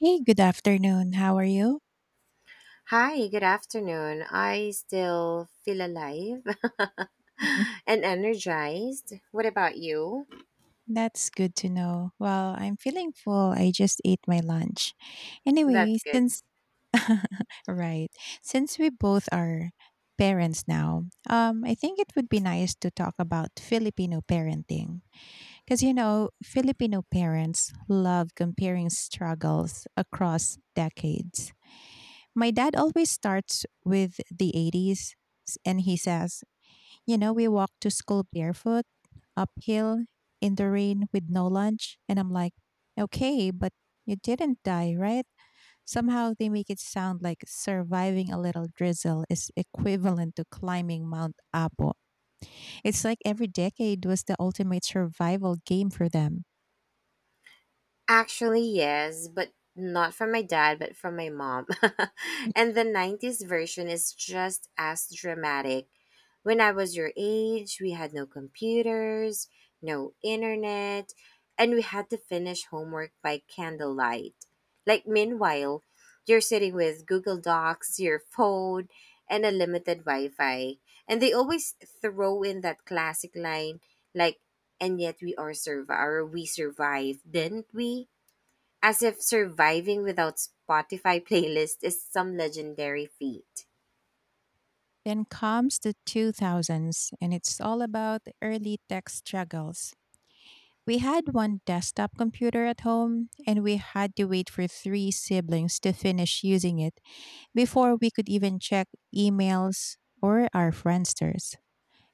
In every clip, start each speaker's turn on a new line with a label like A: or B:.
A: Hey, good afternoon. How are you?
B: Hi, good afternoon. I still feel alive
A: Mhm.
B: and energized. What about you?
A: That's good to know. Well, I'm feeling full. I just ate my lunch. Anyway,
B: That's good.
A: since right, since we both are parents now, I think it would be nice to talk about Filipino parenting because you know Filipino parents love comparing struggles across decades. My dad always starts with the 80s, and he says, you know, we walked to school barefoot, uphill, in the rain with no lunch. And I'm like, okay, but you didn't die, right? Somehow they make it sound like surviving a little drizzle is equivalent to climbing Mount Apo. It's like every decade was the ultimate survival game for them.
B: Actually, yes, but not from my dad, but from my mom.
A: Mhm.
B: And the 90s version is just as dramatic. When I was your age, we had no computers, no internet, and we had to finish homework by candlelight. Like, meanwhile, you're sitting with Google Docs, your phone, and a limited Wi Fi. And they always throw in that classic line, like, and yet we survived, didn't we? As if surviving without Spotify playlist is some legendary feat.
A: Then comes the 2000s, and it's all about early tech struggles. We had one desktop computer at home, and we had to wait for three siblings to finish using it before we could even check emails or our friendsters.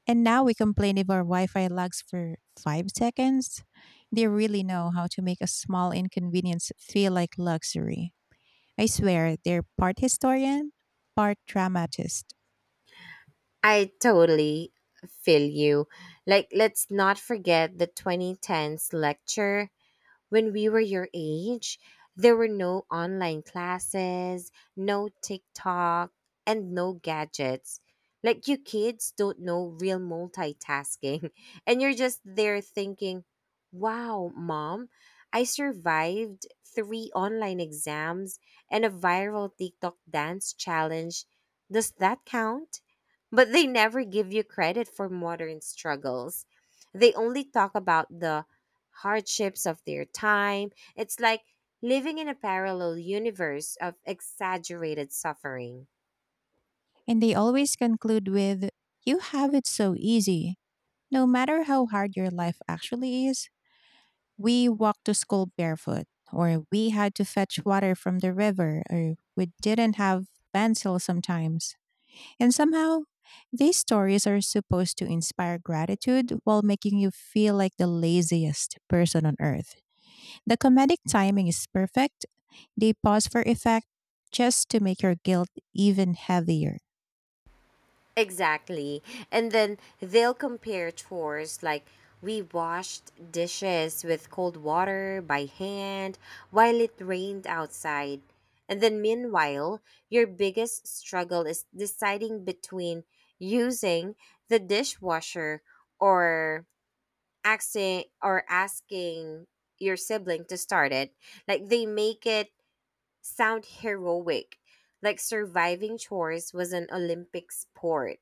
A: And now we complain if our Wi Fi lags for five seconds. They really know how to make a small inconvenience feel like luxury. I swear, they're part historian, part dramatist.
B: I totally feel you. Like, let's not forget the 2010s lecture when we were your age, there were no online classes, no TikTok, and no gadgets. Like, you kids don't know real multitasking. And you're just there thinking, wow, mom, I survived three online exams and a viral TikTok dance challenge. Does that count? But they never give you credit for modern struggles. They only talk about the hardships of their time. It's like living in a parallel universe of exaggerated suffering.
A: And they always conclude with, you have it so easy. No matter how hard your life actually is, we walked to school barefoot, or we had to fetch water from the river, or we didn't have pencil sometimes. And somehow, these stories are supposed to inspire gratitude while making you feel like the laziest person on earth. The comedic timing is perfect. They pause for effect just to make your guilt even heavier.
B: Exactly. And then they'll compare chores like we washed dishes with cold water by hand while it rained outside. And then, meanwhile, your biggest struggle is deciding between using the dishwasher or asking your sibling to start it. Like they make it sound heroic, like surviving chores was an Olympic sport.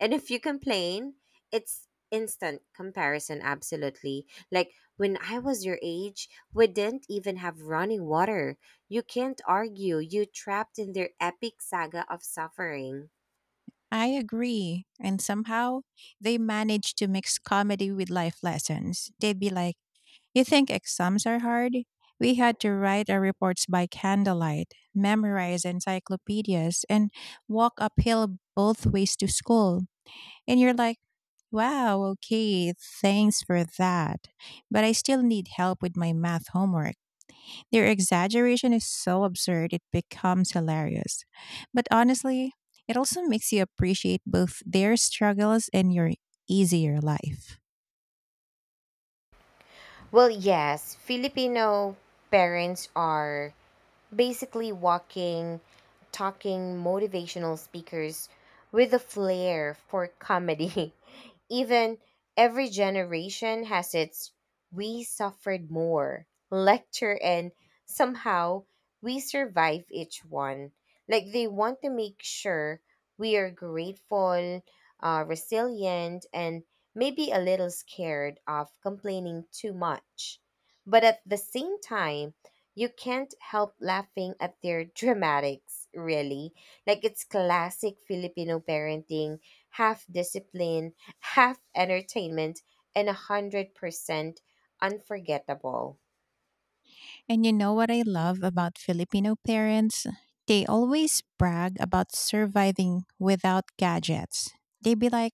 B: And if you complain, it's instant comparison, absolutely, like when I was your age, we didn't even have running water. You can't argue. You trapped in their epic saga of suffering.
A: I agree. And somehow they manage to mix comedy with life lessons. They'd be like, you think exams are hard? We had to write our reports by candlelight, memorize encyclopedias, and walk uphill both ways to school. And you're like, wow, okay, thanks for that. But I still need help with my math homework. Their exaggeration is so absurd, it becomes hilarious. But honestly, it also makes you appreciate both their struggles and your easier life.
B: Well, yes, Filipino parents are basically walking, talking motivational speakers with a flair for comedy. Even every generation has its "we suffered more" lecture, and somehow we survive each one. Like they want to make sure we are grateful, resilient, and maybe a little scared of complaining too much. But at the same time, you can't help laughing at their dramatics, really. Like it's classic Filipino parenting, half discipline, half entertainment, and 100% unforgettable.
A: And you know what I love about Filipino parents? They always brag about surviving without gadgets. They'd be like,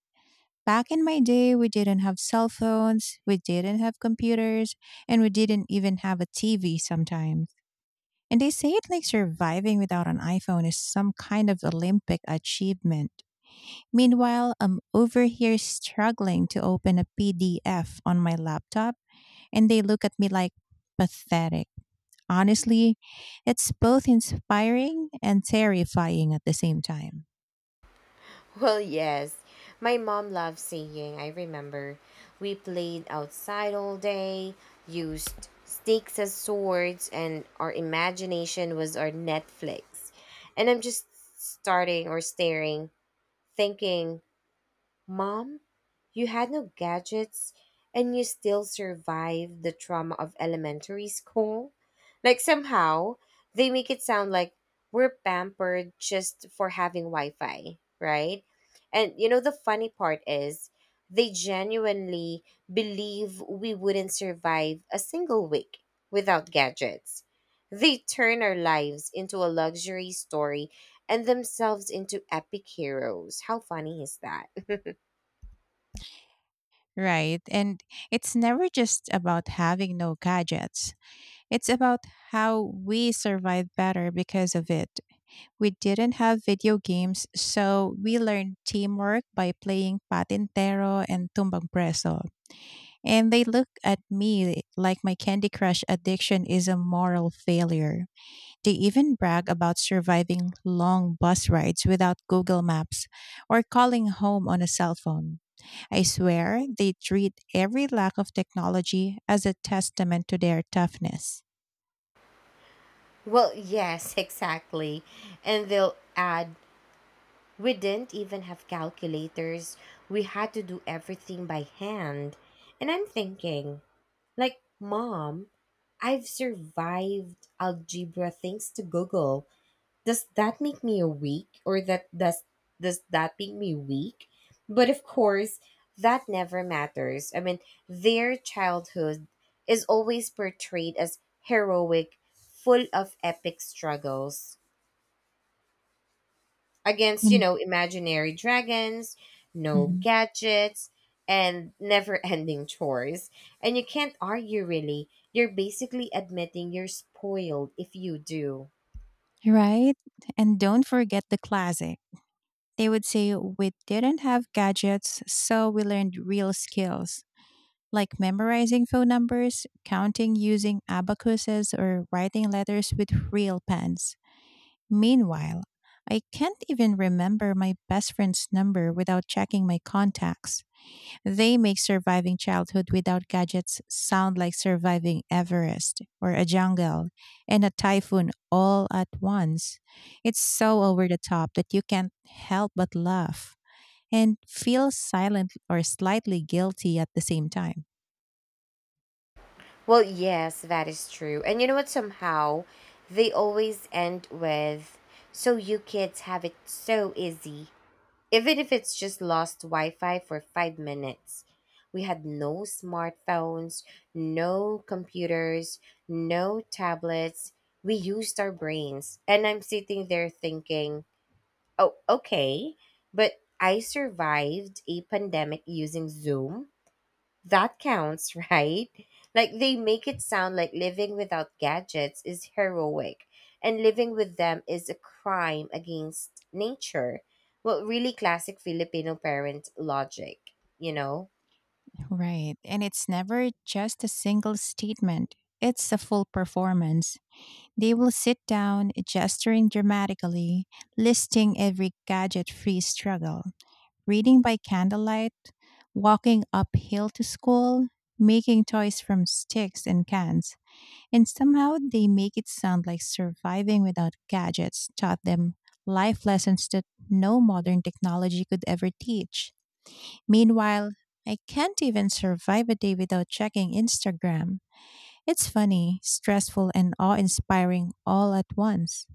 A: back in my day, we didn't have cell phones, we didn't have computers, and we didn't even have a TV sometimes. And they say it like surviving without an iPhone is some kind of Olympic achievement. Meanwhile, I'm over here struggling to open a PDF on my laptop, and they look at me like pathetic. Honestly, it's both inspiring and terrifying at the same time.
B: Well, yes, my mom loved singing. I remember we played outside all day, used sticks as swords, and our imagination was our Netflix. And I'm just starting or staring, thinking, mom, you had no gadgets and you still survived the trauma of elementary school. Like, somehow, they make it sound like we're pampered just for having Wi Fi, right? And you know, the funny part is they genuinely believe we wouldn't survive a single week without gadgets. They turn our lives into a luxury story and themselves into epic heroes. How funny is that?
A: Right. And it's never just about having no gadgets. It's about how we survive better because of it. We didn't have video games, so we learned teamwork by playing Patintero and Tumbang Preso. And they look at me like my Candy Crush addiction is a moral failure. They even brag about surviving long bus rides without Google Maps or calling home on a cell phone. I swear they treat every lack of technology as a testament to their toughness.
B: Well, yes, exactly. And they'll add, we didn't even have calculators. We had to do everything by hand. And I'm thinking, like, mom, I've survived algebra thanks to Google. Does that make me a weak or that does that make me weak? But of course that never matters. I mean, their childhood is always portrayed as heroic, full of epic struggles against, you
A: And,
B: know, imaginary dragons, no
A: mhm,
B: gadgets, and never ending chores. And you can't argue, really. You're basically admitting you're spoiled if you do.
A: right? And don't forget the classic. They would say, we didn't have gadgets, so we learned real skills like memorizing phone numbers, counting using abacuses, or writing letters with real pens. Meanwhile, I can't even remember my best friend's number without checking my contacts. They make surviving childhood without gadgets sound like surviving Everest or a jungle and a typhoon all at once. It's so over the top that you can't help but laugh and feel silent or slightly guilty at the same time.
B: Well, yes, that is true. And you know what? Somehow they always end with, so you kids have it so easy. Even if it's just lost Wi Fi for 5 minutes. We had no smartphones, no computers, no tablets. We used our brains. And I'm sitting there thinking, oh, okay, but I survived a pandemic using Zoom. That counts, right? Like they make it sound like living without gadgets is heroic and living with them is a crime against nature. Well, really classic Filipino parent logic, you know?
A: Right. And it's never just a single statement, it's a full performance. They will sit down, gesturing dramatically, listing every gadget free struggle, reading by candlelight, walking uphill to school, making toys from sticks and cans. And somehow they make it sound like surviving without gadgets taught them life lessons that no modern technology could ever teach. Meanwhile, I can't even survive a day without checking Instagram. It's funny, stressful, and awe inspiring all at once.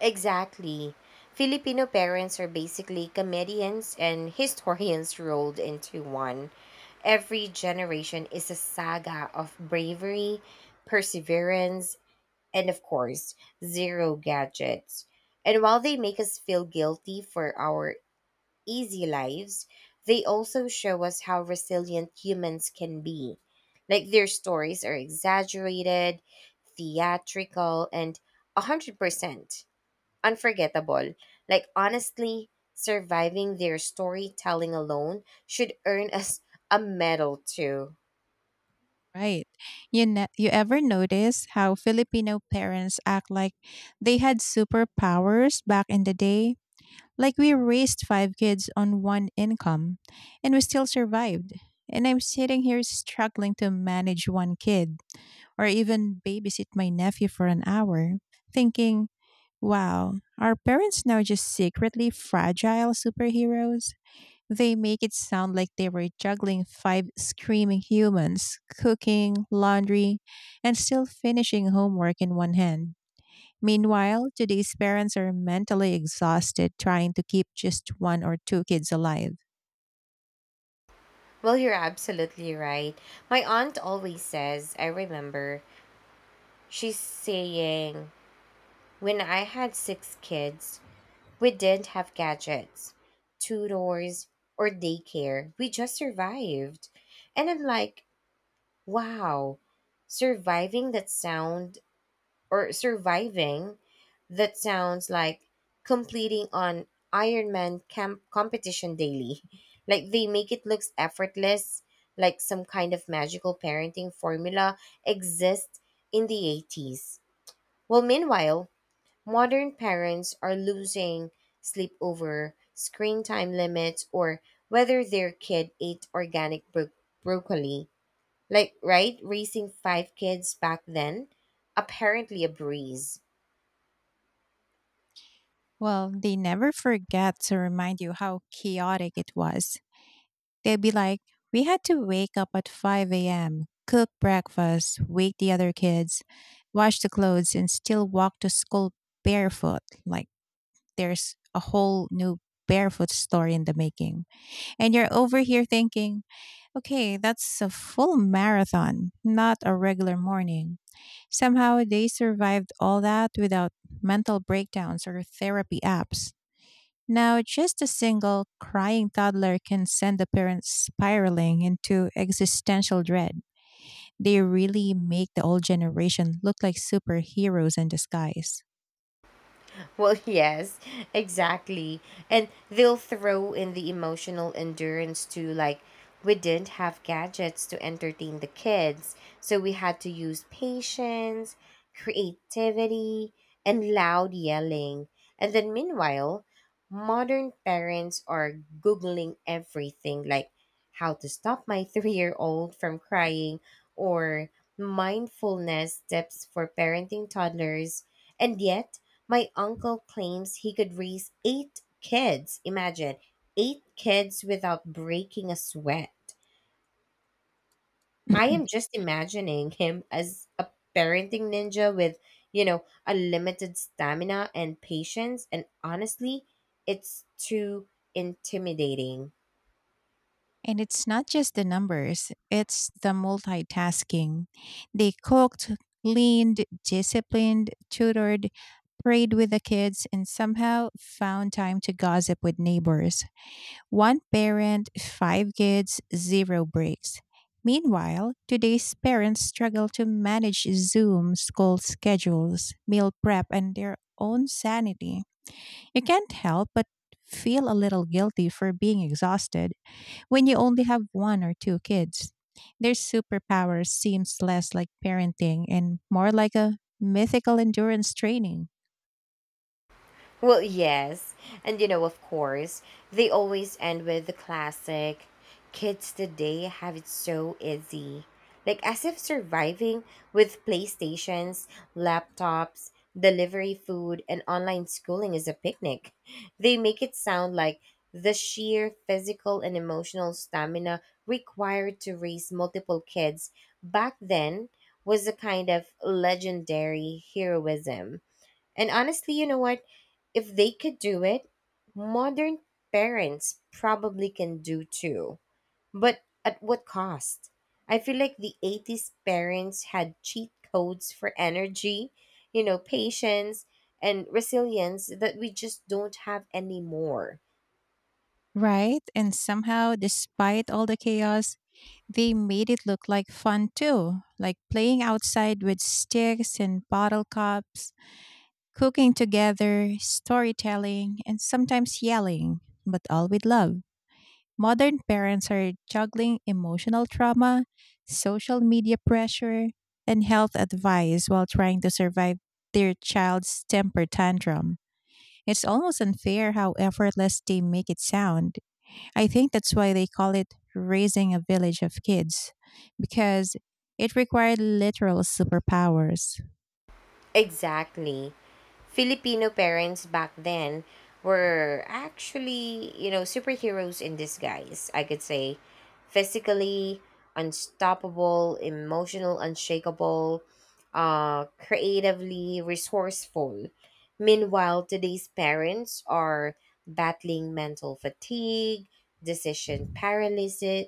B: Exactly. Filipino parents are basically comedians and historians rolled into one. Every generation is a saga of bravery, perseverance, and of course, zero gadgets. And while they make us feel guilty for our easy lives, they also show us how resilient humans can be. Like their stories are exaggerated, theatrical, and 100% unforgettable. Like, honestly, surviving their storytelling alone should earn us a medal, too.
A: Right. You ever notice how Filipino parents act like they had superpowers back in the day? Like we raised five kids on one income and we still survived. And I'm sitting here struggling to manage one kid or even babysit my nephew for an hour, thinking, wow, are parents now just secretly fragile superheroes? They make it sound like they were juggling five screaming humans, cooking, laundry, and still finishing homework in one hand. Meanwhile, today's parents are mentally exhausted trying to keep just one or two kids alive.
B: Well, you're absolutely right. My aunt always says, I remember, she's saying, when I had six kids, we didn't have gadgets, tutors, or daycare. We just survived. And I'm like, wow, surviving that sound surviving that sounds like completing an Ironman camp competition daily. Like they make it looks effortless, like some kind of magical parenting formula exists in the 80s. Well, meanwhile, modern parents are losing sleep over screen time limits or whether their kid ate organic broccoli. Like, right? Raising five kids back then, apparently a breeze.
A: Well, they never forget to remind you how chaotic it was. They'd be like, we had to wake up at 5 a.m., cook breakfast, wake the other kids, wash the clothes, and still walk to school barefoot. Like, there's a whole new barefoot story in the making. And you're over here thinking, okay, that's a full marathon, not a regular morning. Somehow they survived all that without mental breakdowns or therapy apps. Now, just a single crying toddler can send the parents spiraling into existential dread. They really make the old generation look like superheroes in disguise.
B: Well, yes, exactly. And they'll throw in the emotional endurance to, like, we didn't have gadgets to entertain the kids, so we had to use patience, creativity, and loud yelling. And then meanwhile, modern parents are googling everything like how to stop my 3-year-old from crying or mindfulness tips for parenting toddlers. And yet, my uncle claims he could raise eight kids. Imagine eight kids without breaking a sweat. I
A: Mhm.
B: am just imagining him as a parenting ninja with, you know, unlimited stamina and patience. And honestly, it's too intimidating.
A: And it's not just the numbers, it's the multitasking. They cooked, cleaned, disciplined, tutored, prayed with the kids, and somehow found time to gossip with neighbors. One parent, five kids, zero breaks. Meanwhile, today's parents struggle to manage Zoom school schedules, meal prep, and their own sanity. You can't help but feel a little guilty for being exhausted when you only have one or two kids. Their superpower seems less like parenting and more like a mythical endurance training,
B: Well, yes. And you know, of course, they always end with the classic, kids today have it so easy. Like as if surviving with PlayStations, laptops, delivery food, and online schooling is a picnic. They make it sound like the sheer physical and emotional stamina required to raise multiple kids back then was a kind of legendary heroism. And honestly, you know what? If they could do it, modern parents probably can do too. But at what cost? I feel like the 80s parents had cheat codes for energy, you know, patience, and resilience that we just don't have anymore.
A: right? And somehow, despite all the chaos, they made it look like fun too, like playing outside with sticks and bottle cups, cooking together, storytelling, and sometimes yelling, but all with love. Modern parents are juggling emotional trauma, social media pressure, and health advice while trying to survive their child's temper tantrum. It's almost unfair how effortless they make it sound. I think that's why they call it raising a village of kids, because it required literal superpowers.
B: Exactly. Filipino parents back then were actually, you know, superheroes in disguise, I could say. Physically unstoppable, emotional unshakable, creatively resourceful. Meanwhile, today's parents are battling mental fatigue, decision paralysis,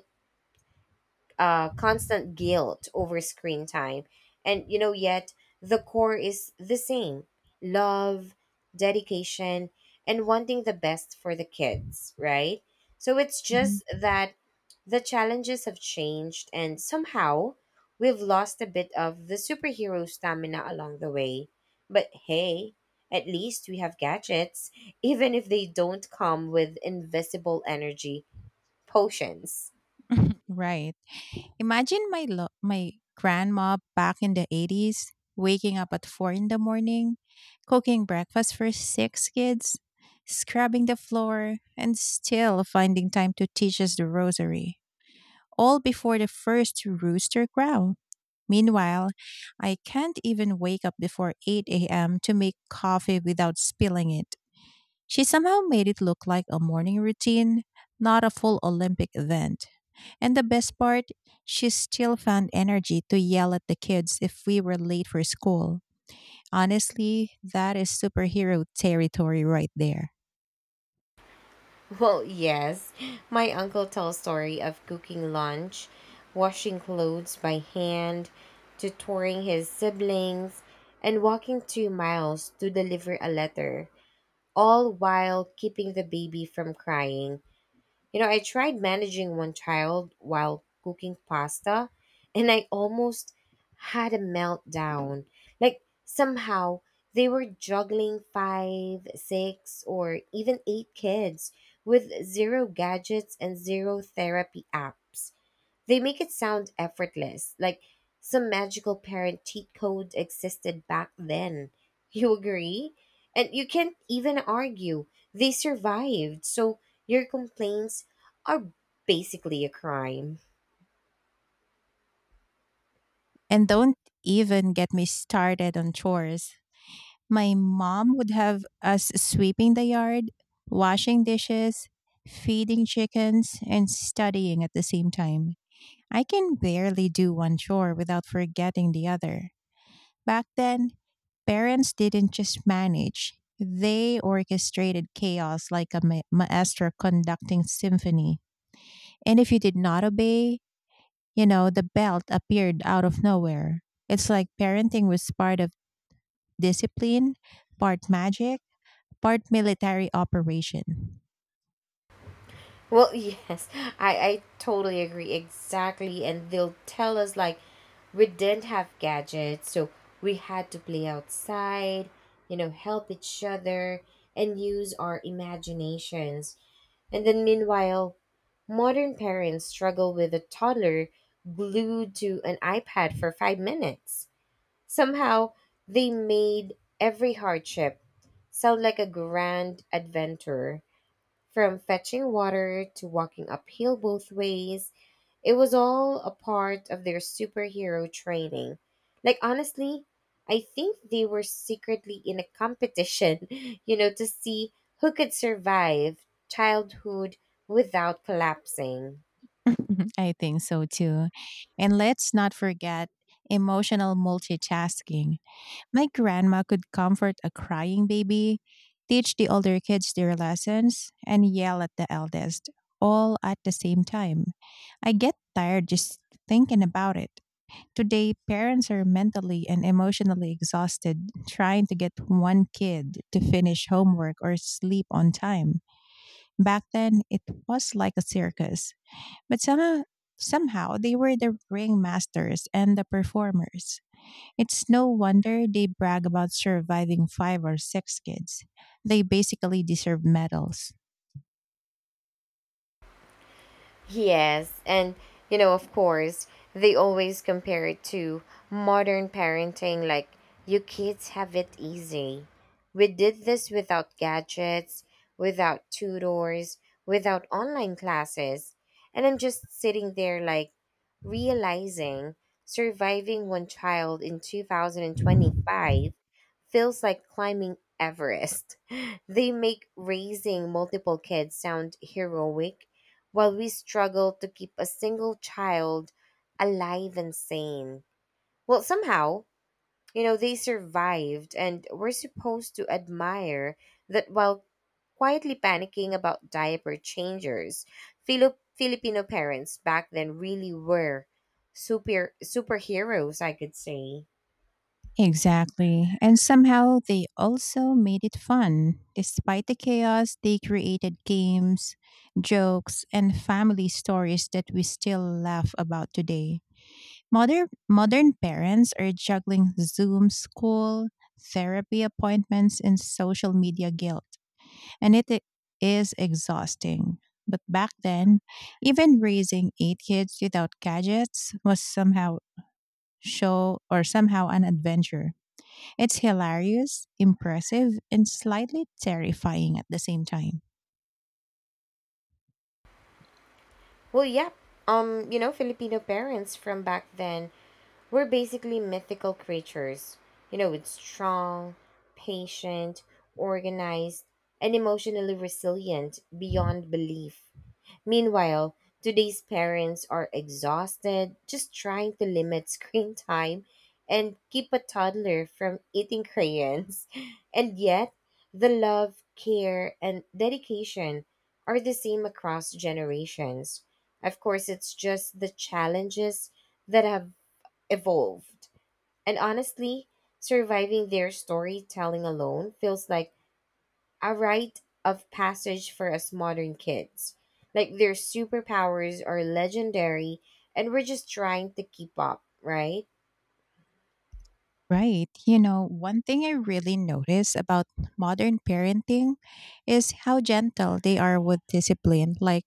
B: constant guilt over screen time. And, you know, yet the core is the same: love, dedication, and wanting the best for the kids, right? So it's just
A: Mhm.
B: that the challenges have changed, and somehow we've lost a bit of the superhero stamina along the way. But hey, at least we have gadgets, even if they don't come with invisible energy potions.
A: Right. Imagine my grandma back in the 80s waking up at 4 in the morning, cooking breakfast for six kids, scrubbing the floor, and still finding time to teach us the rosary, all before the first rooster crow. Meanwhile, I can't even wake up before 8 a.m. to make coffee without spilling it. She somehow made it look like a morning routine, not a full Olympic event. And the best part, she still found energy to yell at the kids if we were late for school. Honestly, that is superhero territory right there.
B: Well, yes. My uncle tells story of cooking lunch, washing clothes by hand, tutoring his siblings, and walking 2 miles to deliver a letter, all while keeping the baby from crying. You know, I tried managing one child while cooking pasta and I almost had a meltdown. Like, somehow they were juggling five, six, or even eight kids with zero gadgets and zero therapy apps. They make it sound effortless, like some magical parent cheat code existed back then. You agree? And you can't even argue. They survived, so your complaints are basically a crime.
A: And don't even get me started on chores. My mom would have us sweeping the yard, washing dishes, feeding chickens, and studying at the same time. I can barely do one chore without forgetting the other. Back then, parents didn't just manage, they orchestrated chaos like a maestro conducting symphony. And if you did not obey, you know, the belt appeared out of nowhere. It's like parenting was part of discipline, part magic, part military operation.
B: Well, yes, I totally agree. Exactly. And they'll tell us, like, we didn't have gadgets, so we had to play outside, you know, help each other, and use our imaginations. And then, meanwhile, modern parents struggle with a toddler glued to an iPad for 5 minutes. Somehow, they made every hardship sound like a grand adventure. From fetching water to walking uphill both ways, it was all a part of their superhero training. Like, honestly, I think they were secretly in a competition, you know, to see who could survive childhood without collapsing.
A: I think so too. And let's not forget emotional multitasking. My grandma could comfort a crying baby, teach the older kids their lessons, and yell at the eldest, all at the same time. I get tired just thinking about it. Today, parents are mentally and emotionally exhausted trying to get one kid to finish homework or sleep on time. Back then, it was like a circus, but somehow they were the ringmasters and the performers. It's no wonder they brag about surviving five or six kids. They basically deserve medals.
B: Yes, and you know, of course, they always compare it to modern parenting, like you kids have it easy. We did this without gadgets, without tutors, without online classes. And I'm just sitting there like realizing surviving one child in 2025 feels like climbing Everest. They make raising multiple kids sound heroic while we struggle to keep a single child alive and sane. Well, somehow, you know, they survived, and we're supposed to admire that while quietly panicking about diaper changers. Filipino parents back then really were superheroes, I could say.
A: Exactly. And somehow they also made it fun. Despite the chaos, they created games, jokes, and family stories that we still laugh about today. Modern parents are juggling Zoom school, therapy appointments, and social media guilt, and it i- is exhausting. But back then, even raising eight kids without gadgets was somehow show or somehow an adventure. It's hilarious, impressive, and slightly terrifying at the same time.
B: Well, yep. You know, Filipino parents from back then were basically mythical creatures, you know, with strong, patient, organized, and emotionally resilient beyond belief. Meanwhile, today's parents are exhausted just trying to limit screen time and keep a toddler from eating crayons. And yet, the love, care, and dedication are the same across generations. Of course, it's just the challenges that have evolved. And honestly, surviving their storytelling alone feels like a rite of passage for us modern kids. Like their superpowers are legendary and we're just trying to keep up, right?
A: Right. You know, one thing I really notice about modern parenting is how gentle they are with discipline. Like,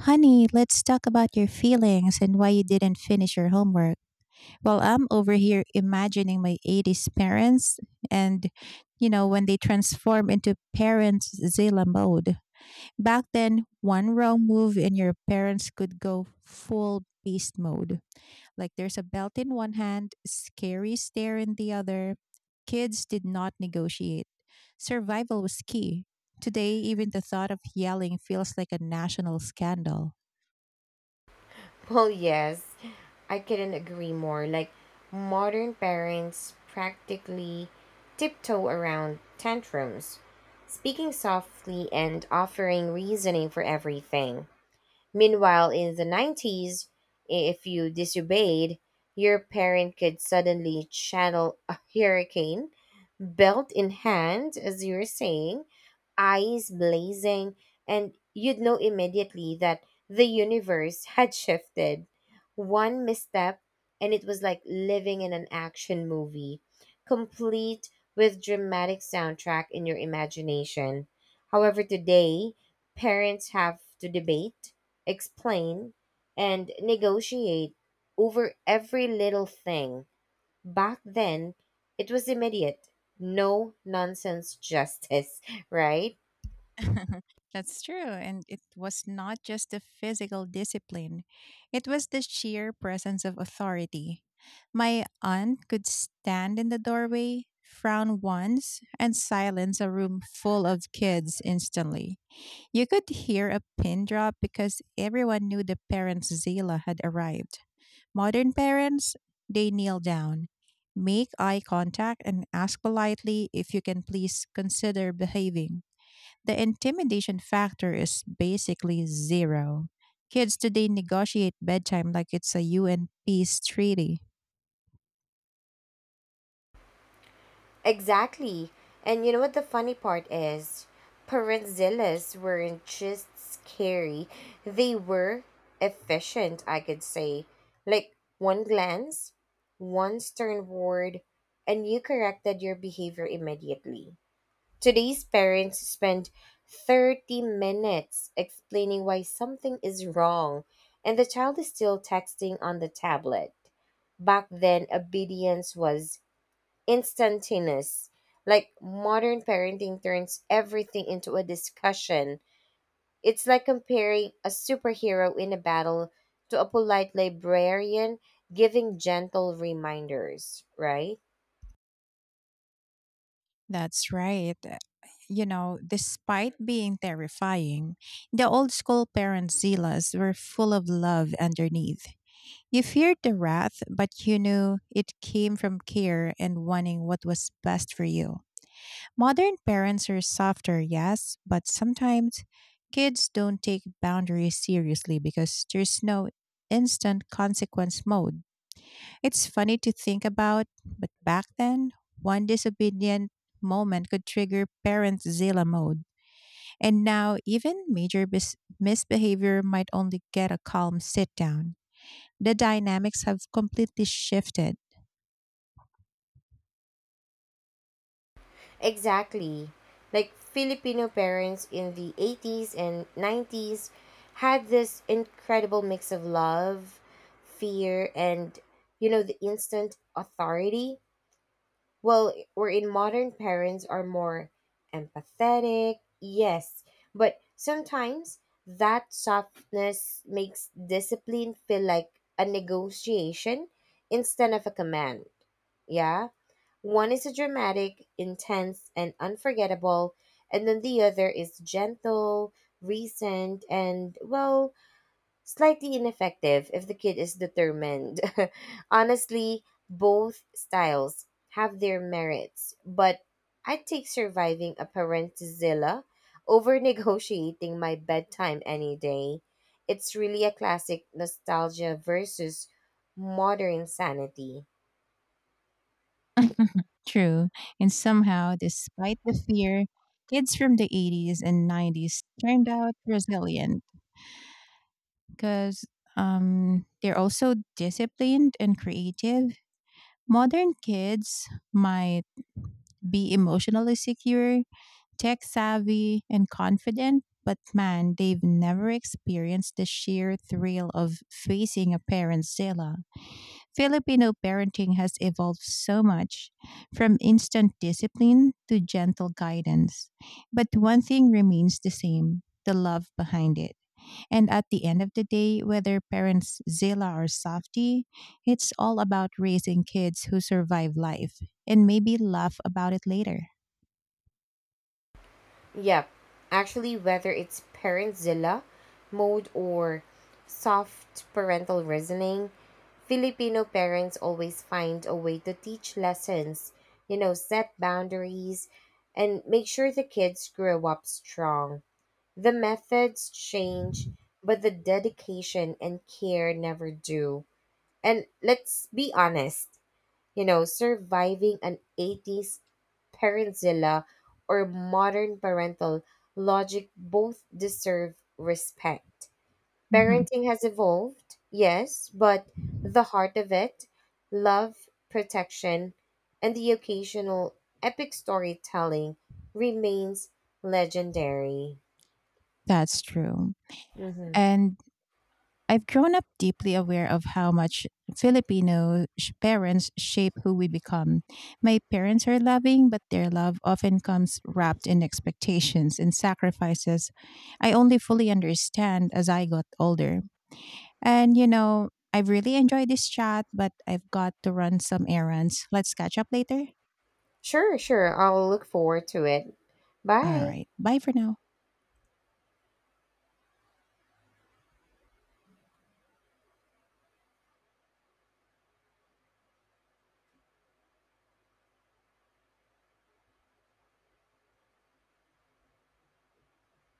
A: honey, let's talk about your feelings and why you didn't finish your homework. Well, I'm over here imagining my 80s parents and, you know, when they transform into parents Zilla mode. Back then, one wrong move and your parents could go full beast mode. Like there's a belt in one hand, scary stare in the other. Kids did not negotiate. Survival was key. Today, even the thought of yelling feels like a national scandal.
B: Well, yes, I couldn't agree more. Like modern parents practically tiptoe around tantrums, speaking softly and offering reasoning for everything. Meanwhile, in the 90s, if you disobeyed, your parent could suddenly channel a hurricane, belt in hand, as you were saying, eyes blazing, and you'd know immediately that the universe had shifted. One misstep, and it was like living in an action movie, complete with dramatic soundtrack in your imagination. However, today, parents have to debate, explain, and negotiate over every little thing. Back then, it was immediate. No nonsense justice, right?
A: That's true. And it was not just the physical discipline, it was the sheer presence of authority. My aunt could stand in the doorway, frown once, and silence a room full of kids instantly. You could hear a pin drop because everyone knew the parents' Zila had arrived. Modern parents, they kneel down, make eye contact and ask politely if you can please consider behaving. The intimidation factor is basically zero. Kids today negotiate bedtime like it's a UN peace treaty.
B: Exactly. And you know what the funny part is? Perenzilas weren't just scary, they were efficient, I could say. Like one glance, one stern word, and you corrected your behavior immediately. Today's parents spend 30 minutes explaining why something is wrong, and the child is still texting on the tablet. Back then, obedience was instantaneous. Like modern parenting turns everything into a discussion. It's like comparing a superhero in a battle to a polite librarian giving gentle reminders, right?
A: That's right. You know, despite being terrifying, the old school parents' zealous were full of love underneath. You feared the wrath, but you knew it came from care and wanting what was best for you. Modern parents are softer, yes, but sometimes kids don't take boundaries seriously because there's no instant consequence mode. It's funny to think about, but back then, one disobedient moment could trigger parent Zilla mode. And now, even major misbehavior might only get a calm sit down. The dynamics have completely shifted.
B: Exactly. Like Filipino parents in the 80s and 90s had this incredible mix of love, fear, and, you know, the instant authority. Well, wherein modern parents are more empathetic, yes, but sometimes that softness makes discipline feel like a negotiation instead of a command. Yeah? One is a dramatic, intense, and unforgettable, and then the other is gentle, recent, and, well, slightly ineffective if the kid is determined. Honestly, both styles have their merits, but I'd take surviving a parentzilla over negotiating my bedtime any day. It's really a classic nostalgia versus modern sanity.
A: True. And somehow, despite the fear, kids from the 80s and 90s turned out resilient because they're also disciplined and creative. Modern kids might be emotionally secure, tech savvy and confident, but man, they've never experienced the sheer thrill of facing a parent's dilemma. Filipino parenting has evolved so much from instant discipline to gentle guidance. But one thing remains the same, the love behind it. And at the end of the day, whether parents Zilla or Softy, it's all about raising kids who survive life and maybe laugh about it later.
B: Yep. Actually, whether it's parentzilla mode or soft parental reasoning, Filipino parents always find a way to teach lessons, you know, set boundaries, and make sure the kids grow up strong. The methods change, but the dedication and care never do. And let's be honest, you know, surviving an 80s parentzilla or modern parental logic both deserve respect.
A: Mhm.
B: Parenting has evolved, yes, but the heart of it, love, protection, and the occasional epic storytelling remains legendary.
A: That's true.
B: Hmm.
A: And I've grown up deeply aware of how much parents shape who we become. My parents are loving, but their love often comes wrapped in expectations and sacrifices I only fully understand as I got older. And, you know, I've really enjoyed this chat, but I've got to run some errands. Let's catch up later.
B: Sure, sure. I'll look forward to it.
A: All
B: Bye.
A: right. Bye for now.